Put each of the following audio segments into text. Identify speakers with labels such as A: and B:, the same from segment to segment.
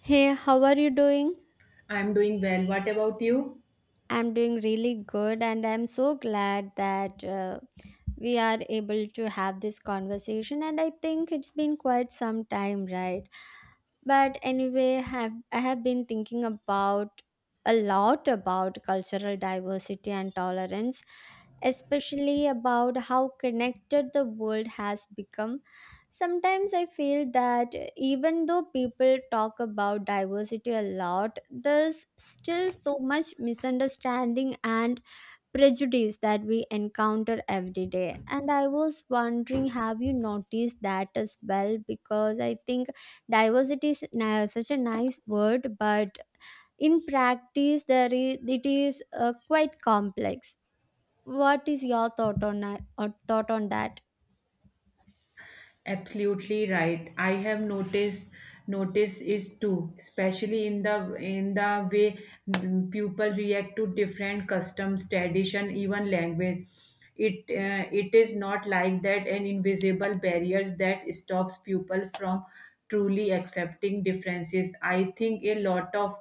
A: Hey, how are you doing?
B: I'm doing well. What about you?
A: I'm doing really good and I'm so glad that we are able to have this conversation, and I think it's been quite some time, right? But anyway, have been thinking about a lot about cultural diversity and tolerance, especially about how connected the world has become. Sometimes I feel that even though people talk about diversity a lot, there's still so much misunderstanding and prejudice that we encounter every day. And I was wondering, have you noticed that as well? Because I think diversity is now such a nice word, but in practice there is it is quite complex. What is your or thought on that?
B: Absolutely right. I have noticed notice is too, especially in the way people react to different customs, tradition, even language. It it is not like that an invisible barriers that stops people from truly accepting differences. I think a lot of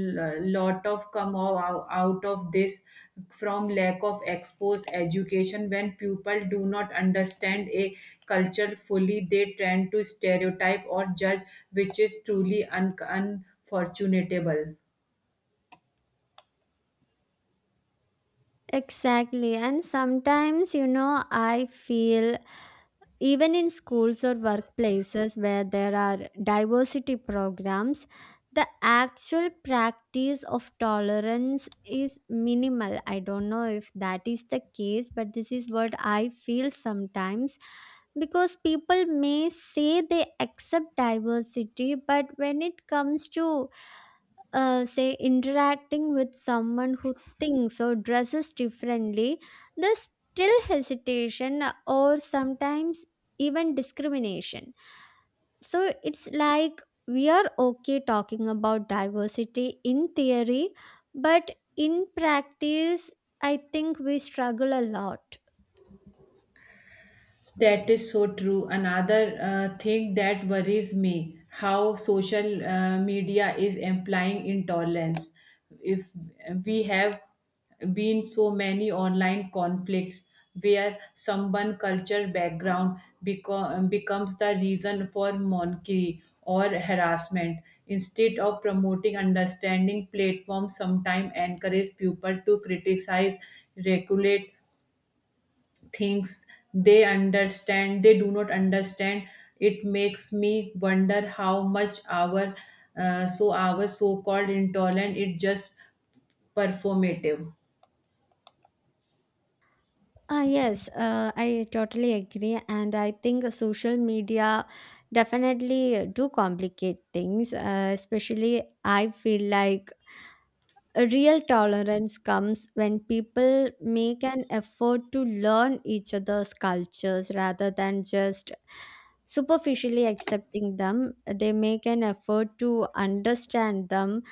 B: lot of out of this from lack of exposed education. When people do not understand a culture fully, they tend to stereotype or judge, which is truly unfortunatable.
A: Exactly, and sometimes I feel, even in schools or workplaces where there are diversity programs, the actual practice of tolerance is minimal. I don't know if that is the case, but this is what I feel sometimes, because people may say they accept diversity, but when it comes to, say, interacting with someone who thinks or dresses differently, there's still hesitation or sometimes even discrimination. So it's like we are okay talking about diversity in theory, but in practice I think we struggle a lot.
B: That is so true. Another thing that worries me, how social media is implying intolerance. If we have been so many online conflicts where someone culture background becomes the reason for mockery or harassment. Instead of promoting understanding, platforms sometimes encourage people to criticize, regulate things they understand they do not understand. It makes me wonder how much our our so called intolerant, it just performative.
A: Ah yes, I totally agree, and I think social media definitely do complicate things. Especially, I feel like a real tolerance comes when people make an effort to learn each other's cultures rather than just superficially accepting them. They make an effort to understand them,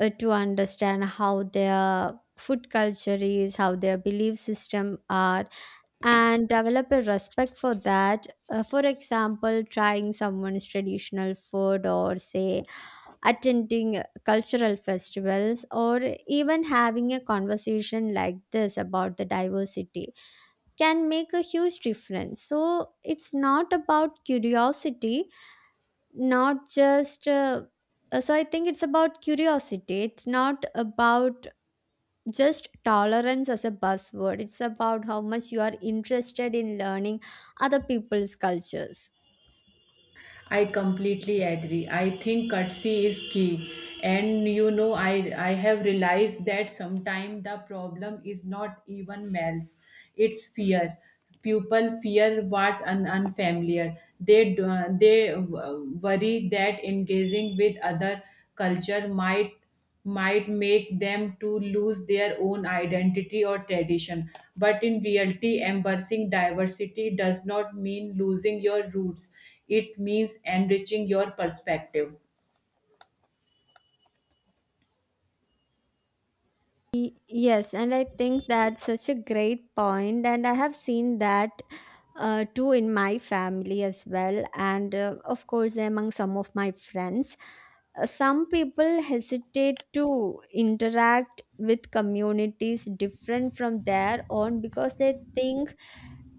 A: to understand how their food culture is, how their belief system are, and develop a respect for that. For example, trying someone's traditional food, or say, attending cultural festivals, or even having a conversation like this about the diversity, can make a huge difference. So, it's not about curiosity, not just. So I think it's about curiosity. It's not about just tolerance as a buzzword. It's about how much you are interested in learning other people's cultures.
B: I completely agree. I think courtesy is key. And you know, I have realized that sometimes the problem is not even males, it's fear. People fear what an unfamiliar. They, they worry that engaging with other culture might make them to lose their own identity or tradition. But in reality, embracing diversity does not mean losing your roots, it means enriching your perspective.
A: Y- Yes, and I think that's such a great point, and I have seen that too in my family as well, and of course, among some of my friends. Some people hesitate to interact with communities different from their own because they think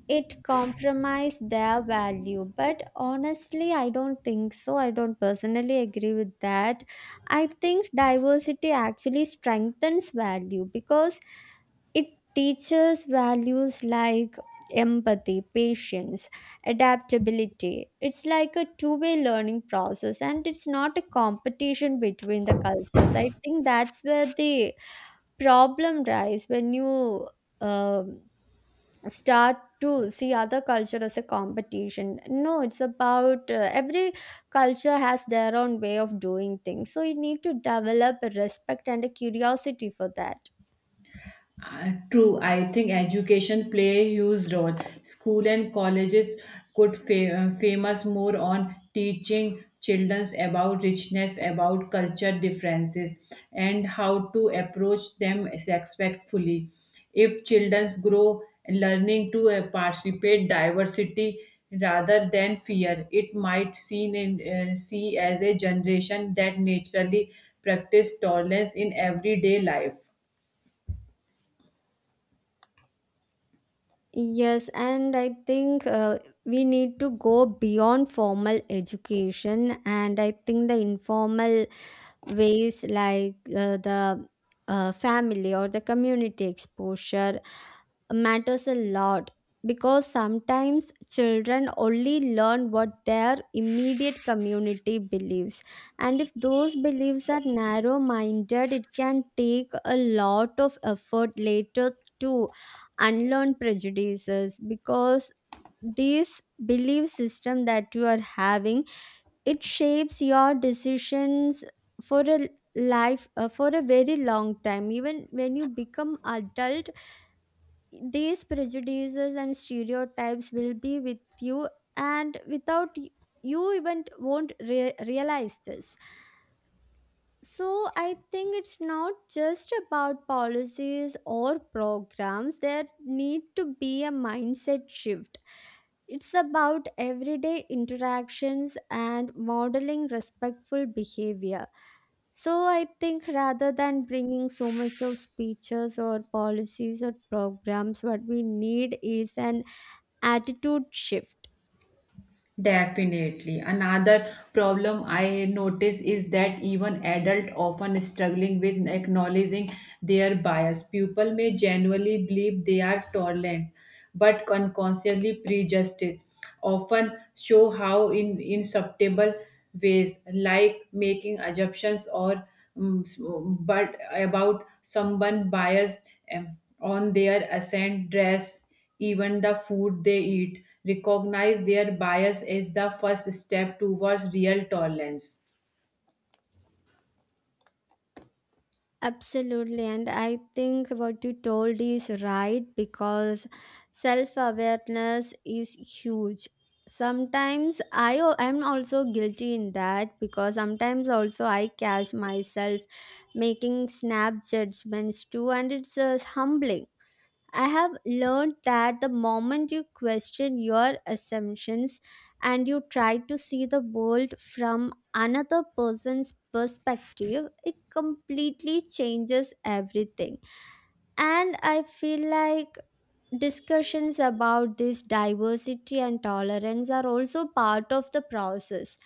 A: it compromised their value. But honestly, I don't think so. I don't personally agree with that. I think diversity actually strengthens value, because it teaches values like empathy, patience, adaptability. It's like a two-way learning process, and it's not a competition between the cultures. I think that's where the problem lies, when you um start to see other culture as a competition. No, it's about, every culture has their own way of doing things, so you need to develop a respect and a curiosity for that.
B: True, I think education play a huge role. School and colleges could famous more on teaching children about richness, about culture differences, and how to approach them respectfully. If children grow learning to participate diversity rather than fear, it might see as a generation that naturally practice tolerance in everyday life.
A: Yes, and I think we need to go beyond formal education, and I think the informal ways, like the family or the community exposure, matters a lot. Because sometimes children only learn what their immediate community believes, and if those beliefs are narrow minded, it can take a lot of effort later to unlearn prejudices. Because this belief system that you are having, it shapes your decisions for a life, for a very long time. Even when you become adult, these prejudices and stereotypes will be with you, and without y- you even won't realize this. So I think it's not just about policies or programs. There need to be a mindset shift. It's about everyday interactions and modeling respectful behavior. So I think rather than bringing so much of speeches or policies or programs, what we need is an attitude shift.
B: Definitely. Another problem I notice is that even adult often struggling with acknowledging their bias. People may genuinely believe they are tolerant, but unconsciously prejudiced. Often show how in insubtle ways, like making assumptions or um, but about someone biased on their accent, dress, even the food they eat, recognize their bias as the first step towards real tolerance.
A: Absolutely. And I think what you told is right, because self awareness is huge. Sometimes I am also guilty in that, because sometimes also I catch myself making snap judgments too, and it's humbling. I have learned that the moment you question your assumptions and you try to see the world from another person's perspective, it completely changes everything. And I feel like discussions about this diversity and tolerance are also part of the process,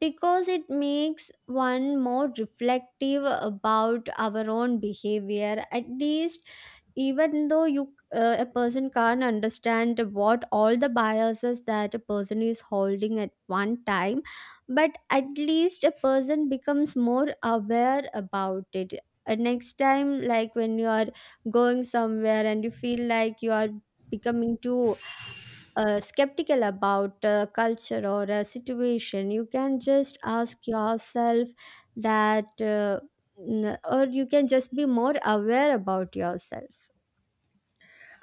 A: because it makes one more reflective about our own behavior, at least. Even though you a person can't understand what all the biases that a person is holding at one time, but at least a person becomes more aware about it. Next time, like when you are going somewhere and you feel like you are becoming too skeptical about a culture or a situation, you can just ask yourself that, or you can just be more aware about yourself.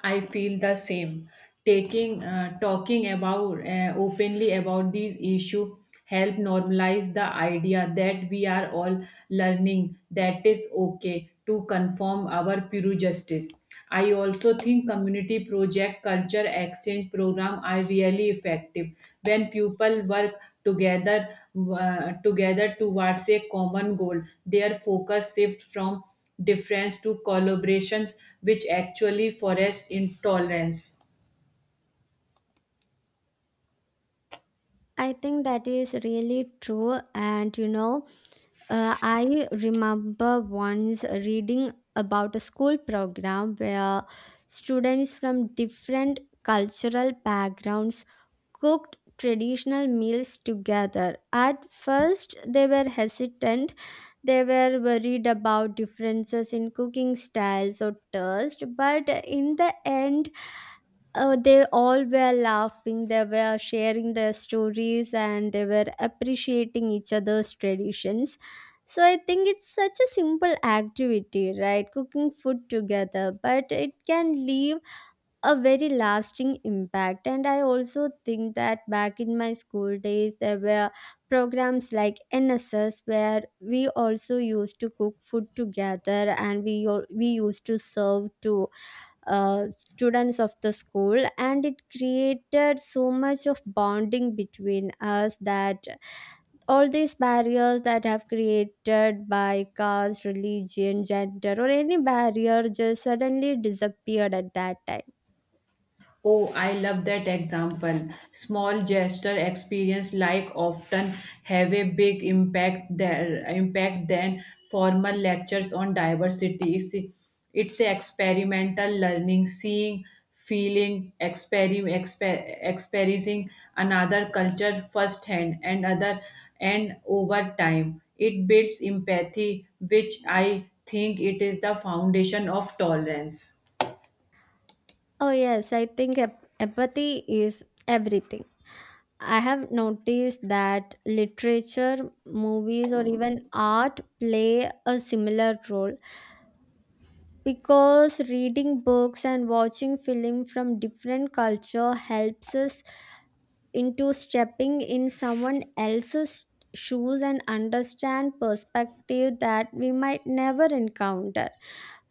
B: I feel the same. Taking talking about openly about these issue help normalize the idea that we are all learning, that is okay to conform our pure justice. I also think community project culture exchange program are really effective when people work together together towards a common goal. Their focus shift from difference to collaborations, which actually forest intolerance.
A: I think that is really true, and you know. I remember once reading about a school program where students from different cultural backgrounds cooked traditional meals together. At first, they were hesitant. They were worried about differences in cooking styles or taste, but in the end, they all were laughing, they were sharing their stories, and they were appreciating each other's traditions. So I think it's such a simple activity, right? Cooking food together, but it can leave a very lasting impact. And I also think that back in my school days, there were programs like NSS, where we also used to cook food together, and we used to serve to students of the school, and it created so much of bonding between us, that all these barriers that have created by caste, religion, gender, or any barrier just suddenly disappeared at that time.
B: Oh, I love that example. Small gesture experience like often have a big impact, there impact than formal lectures on diversity. It's a experimental learning, seeing, feeling, experiencing another culture firsthand and other and over time. It builds empathy, which I think it is the foundation of tolerance.
A: Oh yes, I think empathy is everything. I have noticed that literature, movies, or even art play a similar role, because reading books and watching film from different culture helps us into stepping in someone else's shoes and understand perspective that we might never encounter.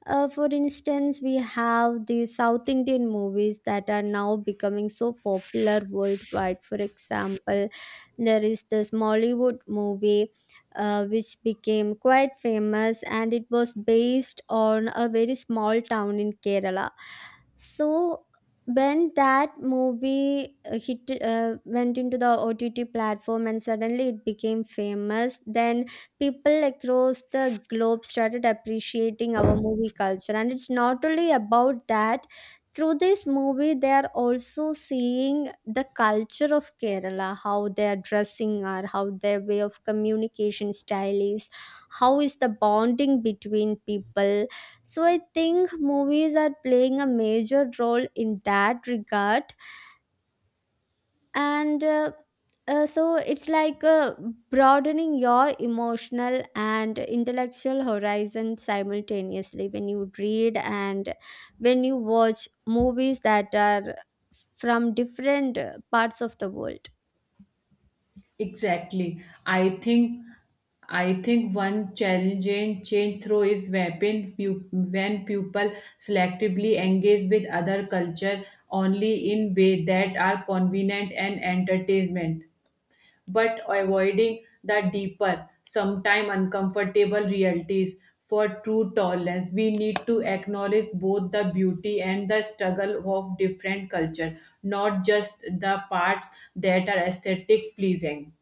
A: Uh, for instance, we have the South Indian movies that are now becoming so popular worldwide. For example, there is this Mollywood movie which became quite famous, and it was based on a very small town in Kerala. So, when that movie went into the OTT platform and suddenly it became famous, then people across the globe started appreciating our movie culture. And it's not only about that, through this movie, they are also seeing the culture of Kerala, how their dressing are, how their way of communication style is, how is the bonding between people. So I think movies are playing a major role in that regard, and so it's like, broadening your emotional and intellectual horizon simultaneously, when you read and when you watch movies that are from different parts of the world.
B: Exactly. I think one challenging change through is when people selectively engage with other culture only in way that are convenient and entertainment, but avoiding the deeper, sometimes uncomfortable realities. For true tolerance, we need to acknowledge both the beauty and the struggle of different culture, not just the parts that are aesthetic pleasing.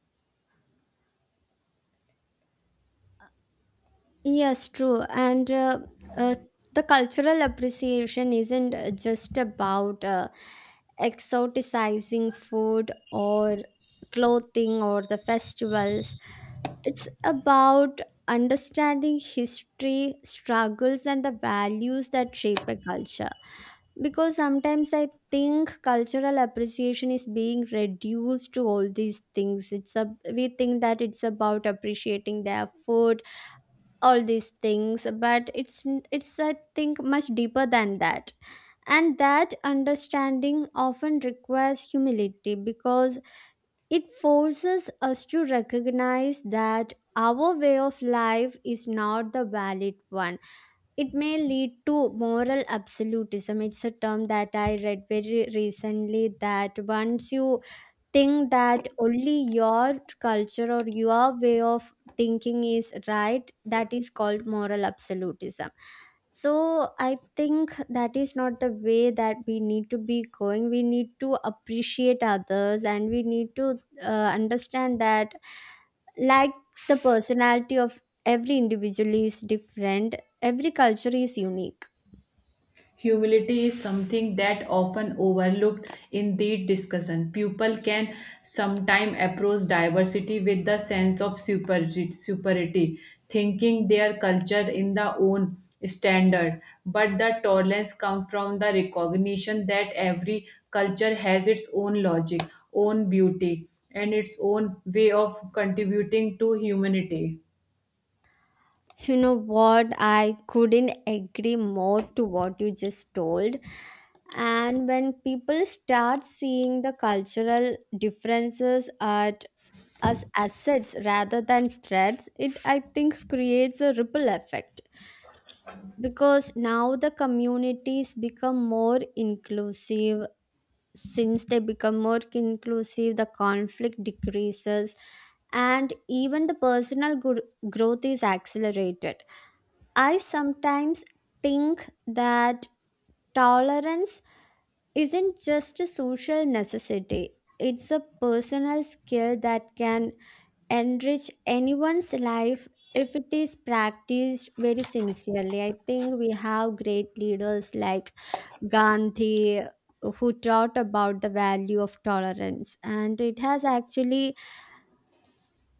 A: Yes, true. And uh, the cultural appreciation isn't just about exoticizing food or clothing or the festivals. It's about understanding history, struggles, and the values that shape a culture. Because sometimes I think cultural appreciation is being reduced to all these things. It's a, we think that it's about appreciating their food, all these things, but it's, I think, much deeper than that. And that understanding often requires humility, because it forces us to recognize that our way of life is not the valid one. It may lead to moral absolutism. It's a term that I read very recently, that once you think that only your culture or your way of thinking is right, that is called moral absolutism. So I think that is not the way that we need to be going. We need to appreciate others, and we need to understand that, like, the personality of every individual is different, every culture is unique.
B: Humility is something that often overlooked in the discussion. People can sometimes approach diversity with the sense of superiority, thinking their culture in the own standard. But the tolerance comes from the recognition that every culture has its own logic, own beauty, and its own way of contributing to humanity.
A: You know what? I couldn't agree more to what you just told. And when people start seeing the cultural differences at as assets rather than threats, it, I think, creates a ripple effect. Because now the communities become more inclusive. Since they become more inclusive, the conflict decreases, and even the growth is accelerated. I sometimes think that tolerance isn't just a social necessity, it's a personal skill that can enrich anyone's life if it is practiced very sincerely. I think we have great leaders like Gandhi, who taught about the value of tolerance, and it has actually,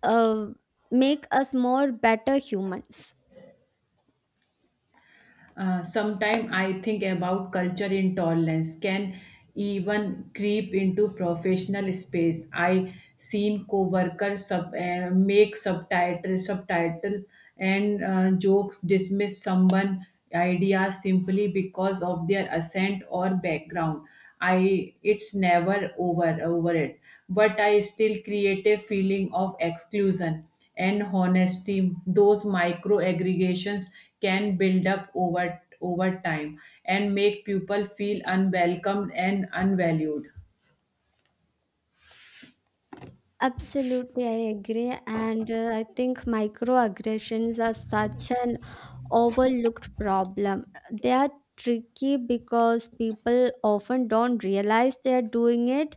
A: uh, make us more better humans.
B: Sometime I think about culture intolerance can even creep into professional space. I seen co-workers make subtitle and jokes dismiss someone idea simply because of their accent or background. I it's never over it, but I still create a feeling of exclusion. And honesty, those micro aggregations can build up over time and make people feel unwelcomed and unvalued.
A: Absolutely, I agree. And I think microaggressions are such an overlooked problem. They are tricky because people often don't realize they are doing it.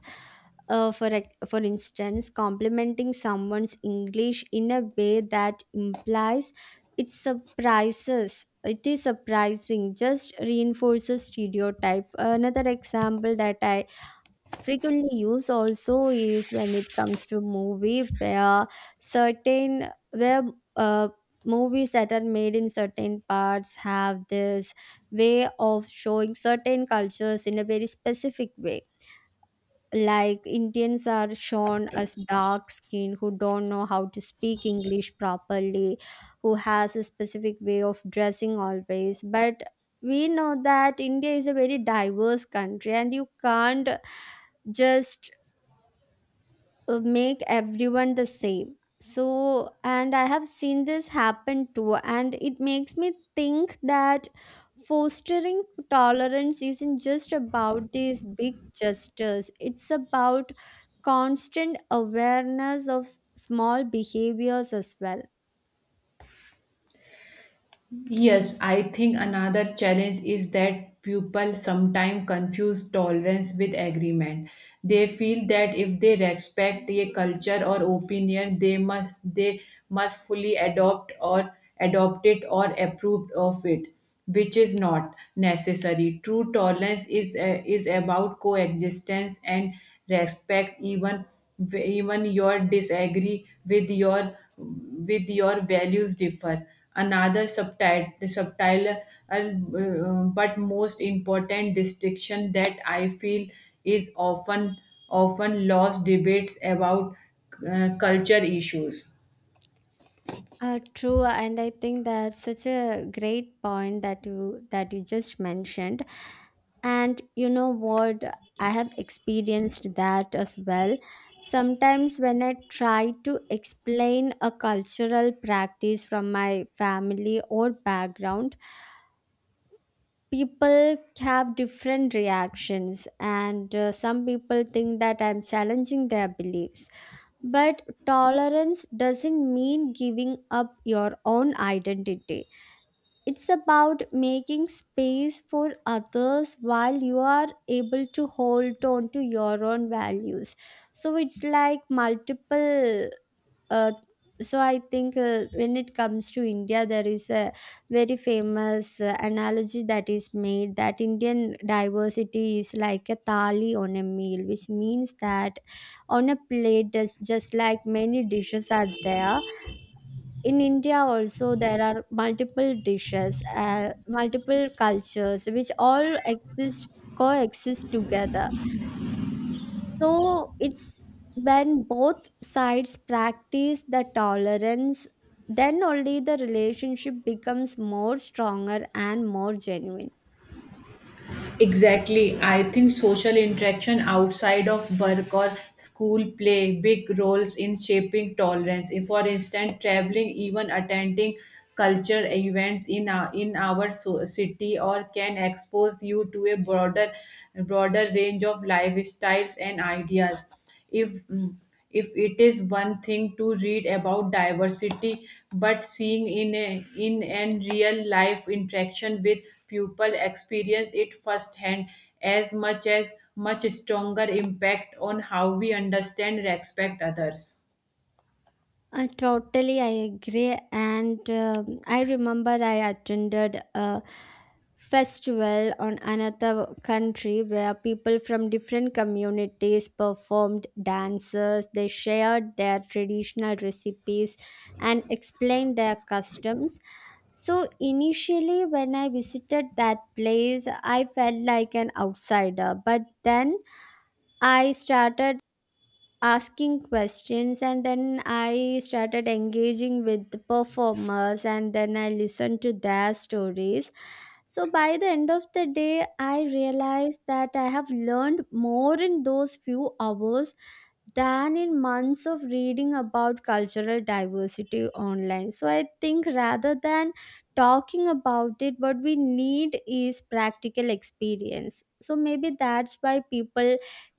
A: For instance, complimenting someone's English in a way that implies it surprises. It is surprising, just reinforces stereotype. Another example that I frequently used also is when it comes to movie where certain where uh, movies that are made in certain parts have this way of showing certain cultures in a very specific way, like Indians are shown as dark skinned who don't know how to speak English properly, who has a specific way of dressing always. But we know that India is a very diverse country and you can't just make everyone the same. So, and I have seen this happen too, and it makes me think that fostering tolerance isn't just about these big gestures, it's about constant awareness of small behaviors as well.
B: Yes, I think another challenge is that people sometimes confuse tolerance with agreement. They feel that if they respect a culture or opinion, they must fully adopt or adopt it or approve of it, which is not necessary. True tolerance is about coexistence and respect. Even your disagree with your values differ. Another subtitle, the subtitle but most important distinction that I feel is often lost debates about culture issues.
A: True, and I think that's such a great point that you just mentioned. And you know what? I have experienced that as well. Sometimes when I try to explain a cultural practice from my family or background, people have different reactions, and some people think that I'm challenging their beliefs, but tolerance doesn't mean giving up your own identity. It's about making space for others while you are able to hold on to your own values. So it's like multiple uh, so I think when it comes to India, there is a very famous analogy that is made, that Indian diversity is like a thali on a meal, which means that on a plate there's just like many dishes are there. In India also there are multiple dishes, multiple cultures, which all exist, coexist together. So it's, when both sides practice the tolerance, then only the relationship becomes more stronger and more genuine.
B: Exactly. I think social interaction outside of work or school play big roles in shaping tolerance. If, for instance, traveling, even attending culture events in in our city or can expose you to a broader range of lifestyles and ideas. If if it is one thing to read about diversity, but seeing in and real life interaction with people experience it firsthand as much stronger impact on how we understand respect others.
A: Totally, I agree. And I remember I attended a festival on another country where people from different communities performed dances. They shared their traditional recipes and explained their customs. So initially, when I visited that place, I felt like an outsider. But then I started asking questions, and then I started engaging with the performers, and then I listened to their stories. So by the end of the day, I realized that I have learned more in those few hours than in months of reading about cultural diversity online. So I think rather than talking about it, what we need is practical experience. So maybe that's why people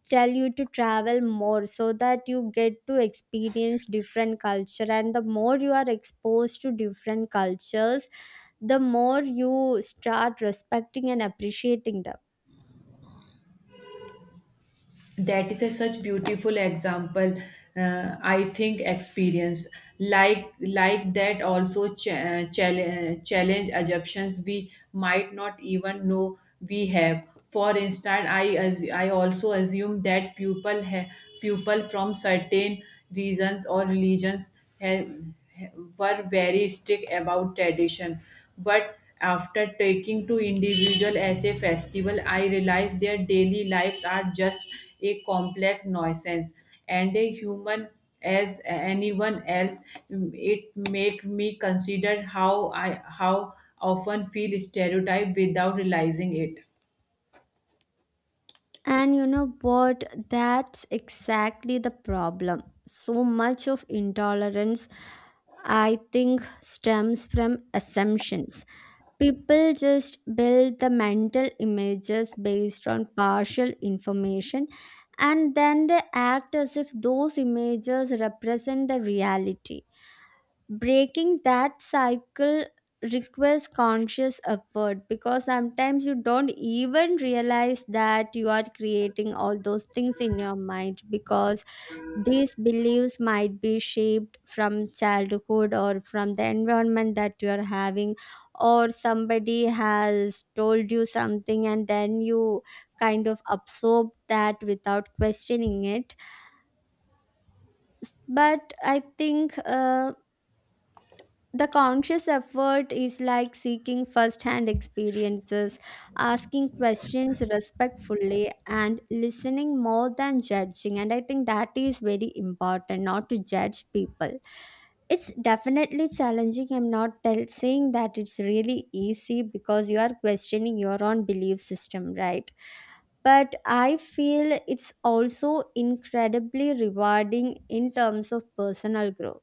A: tell you to travel more, so that you get to experience different culture. And the more you are exposed to different cultures, the more you start respecting and appreciating them.
B: That is a such beautiful example. I think experience like that also challenge assumptions we might not even know we have. For instance, I also assume that people from certain regions or religions have, were very strict about tradition. But after taking to individual as a festival, I realized their daily lives are just a complex nuisance and a human as anyone else. It make me consider how I how often feel stereotyped without realizing it.
A: And you know what? That's exactly the problem. So much of intolerance, I think, stems from assumptions. People just build the mental images based on partial information, and then they act as if those images represent the reality. Breaking that cycle requires conscious effort, because sometimes you don't even realize that you are creating all those things in your mind, because these beliefs might be shaped from childhood or from the environment that you are having, or somebody has told you something and then you kind of absorb that without questioning it. But I think the conscious effort is like seeking first hand experiences, asking questions respectfully, and listening more than judging. And I think that is very important, not to judge people. It's definitely challenging. I'm not saying that it's really easy, because you are questioning your own belief system, right? But I feel it's also incredibly rewarding in terms of personal growth.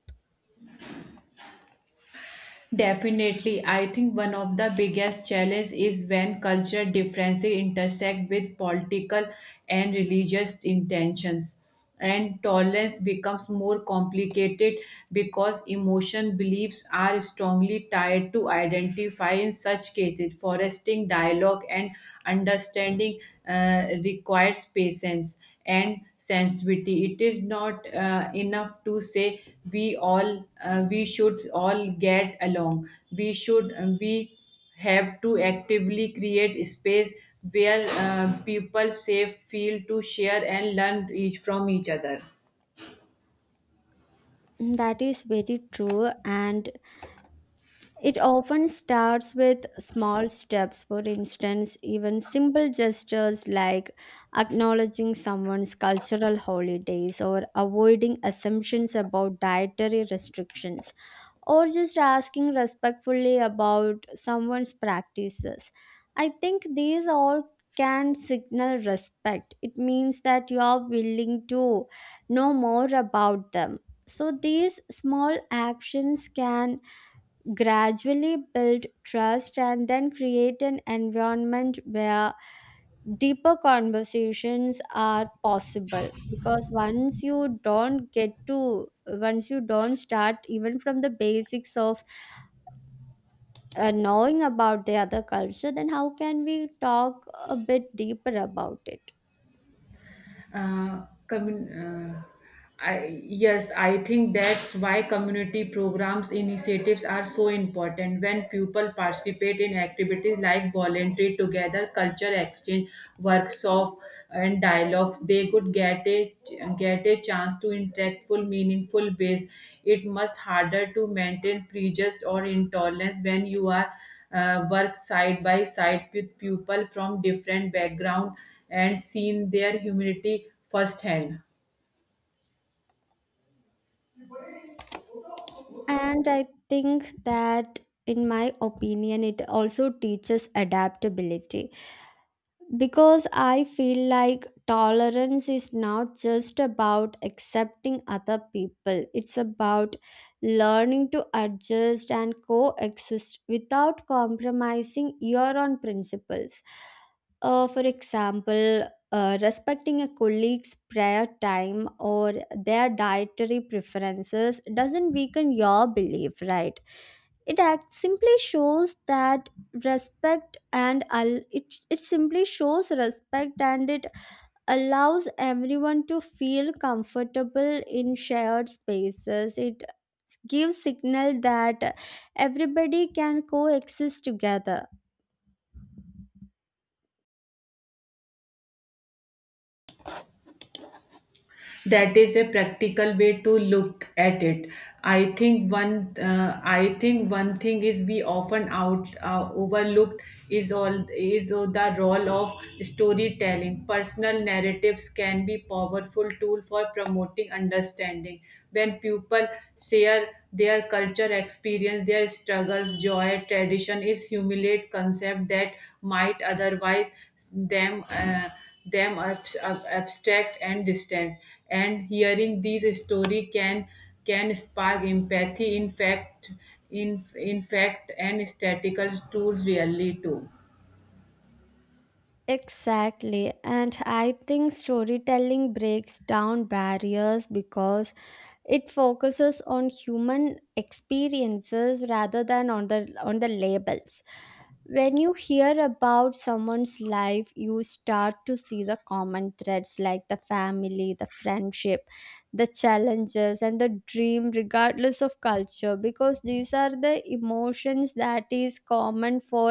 B: Definitely, I think one of the biggest challenges is when cultural differences intersect with political and religious intentions, and tolerance becomes more complicated because emotion beliefs are strongly tied to identify in such cases. Foresting dialogue and understanding requires patience and sensitivity. It is not enough to say we all we should all get along. We have to actively create space where people safe feel to share and learn each from each other.
A: That is very true. And it often starts with small steps. For instance, even simple gestures like acknowledging someone's cultural holidays, or avoiding assumptions about dietary restrictions, or just asking respectfully about someone's practices. I think these all can signal respect. It means that you are willing to know more about them. So these small actions can gradually build trust and then create an environment where deeper conversations are possible. Because once you don't start even from the basics of knowing about the other culture, then how can we talk a bit deeper about it?
B: uh, commun- uh, yes, I think that's why community programs initiatives are so important. When people participate in activities like voluntary together, culture exchange, workshop, and dialogues, they could get a chance to interact full, meaningful ways. It must harder to maintain prejudice or intolerance when you are worked side by side with people from different background and seen their humanity firsthand.
A: And I think that, in my opinion, it also teaches adaptability. Because I feel like tolerance is not just about accepting other people, it's about learning to adjust and coexist without compromising your own principles. For example, respecting a colleague's prayer time or their dietary preferences doesn't weaken your belief, right? It act- simply shows that respect and al- it simply shows respect, and it allows everyone to feel comfortable in shared spaces. It gives signal that everybody can coexist together.
B: That is a practical way to look at it. I think one thing is we often out overlooked is all is the role of storytelling. Personal narratives can be powerful tool for promoting understanding. When people share their culture experience, their struggles, joy, tradition is humiliate concept that might otherwise them uh, them abstract and distant. And hearing these story can spark empathy in fact, in fact, and statistical tools really too.
A: Exactly, and I think storytelling breaks down barriers, because it focuses on human experiences rather than on the labels. When you hear about someone's life, you start to see the common threads, like the family, the friendship, the challenges and the dream, regardless of culture, because these are the emotions that is common for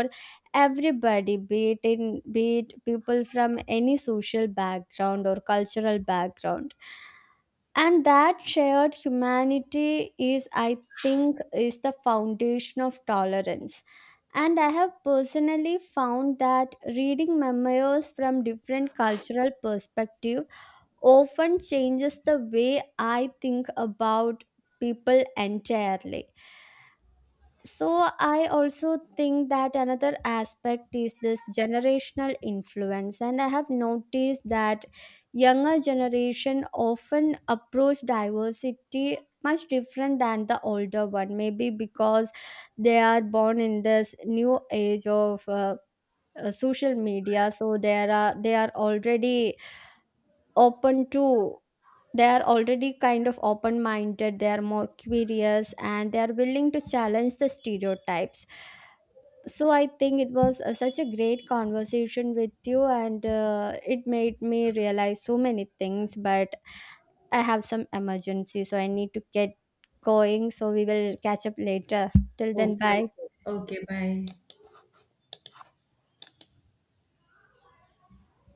A: everybody, be it people from any social background or cultural background. And that shared humanity is, I think, is the foundation of tolerance. And I have personally found that reading memoirs from different cultural perspective often changes the way I think about people entirely. So, I also think that another aspect is this generational influence, and I have noticed that younger generation often approach diversity much different than the older one. Maybe because they are born in this new age of social media, so there are they are already open to, they are already kind of open minded, they are more curious, and they are willing to challenge the stereotypes. So I think it was such a great conversation with you, and it made me realize so many things. But I have some emergency, so I need to get going, so we will catch up later. Till then,
B: Okay,
A: bye.
B: okay, okay, bye.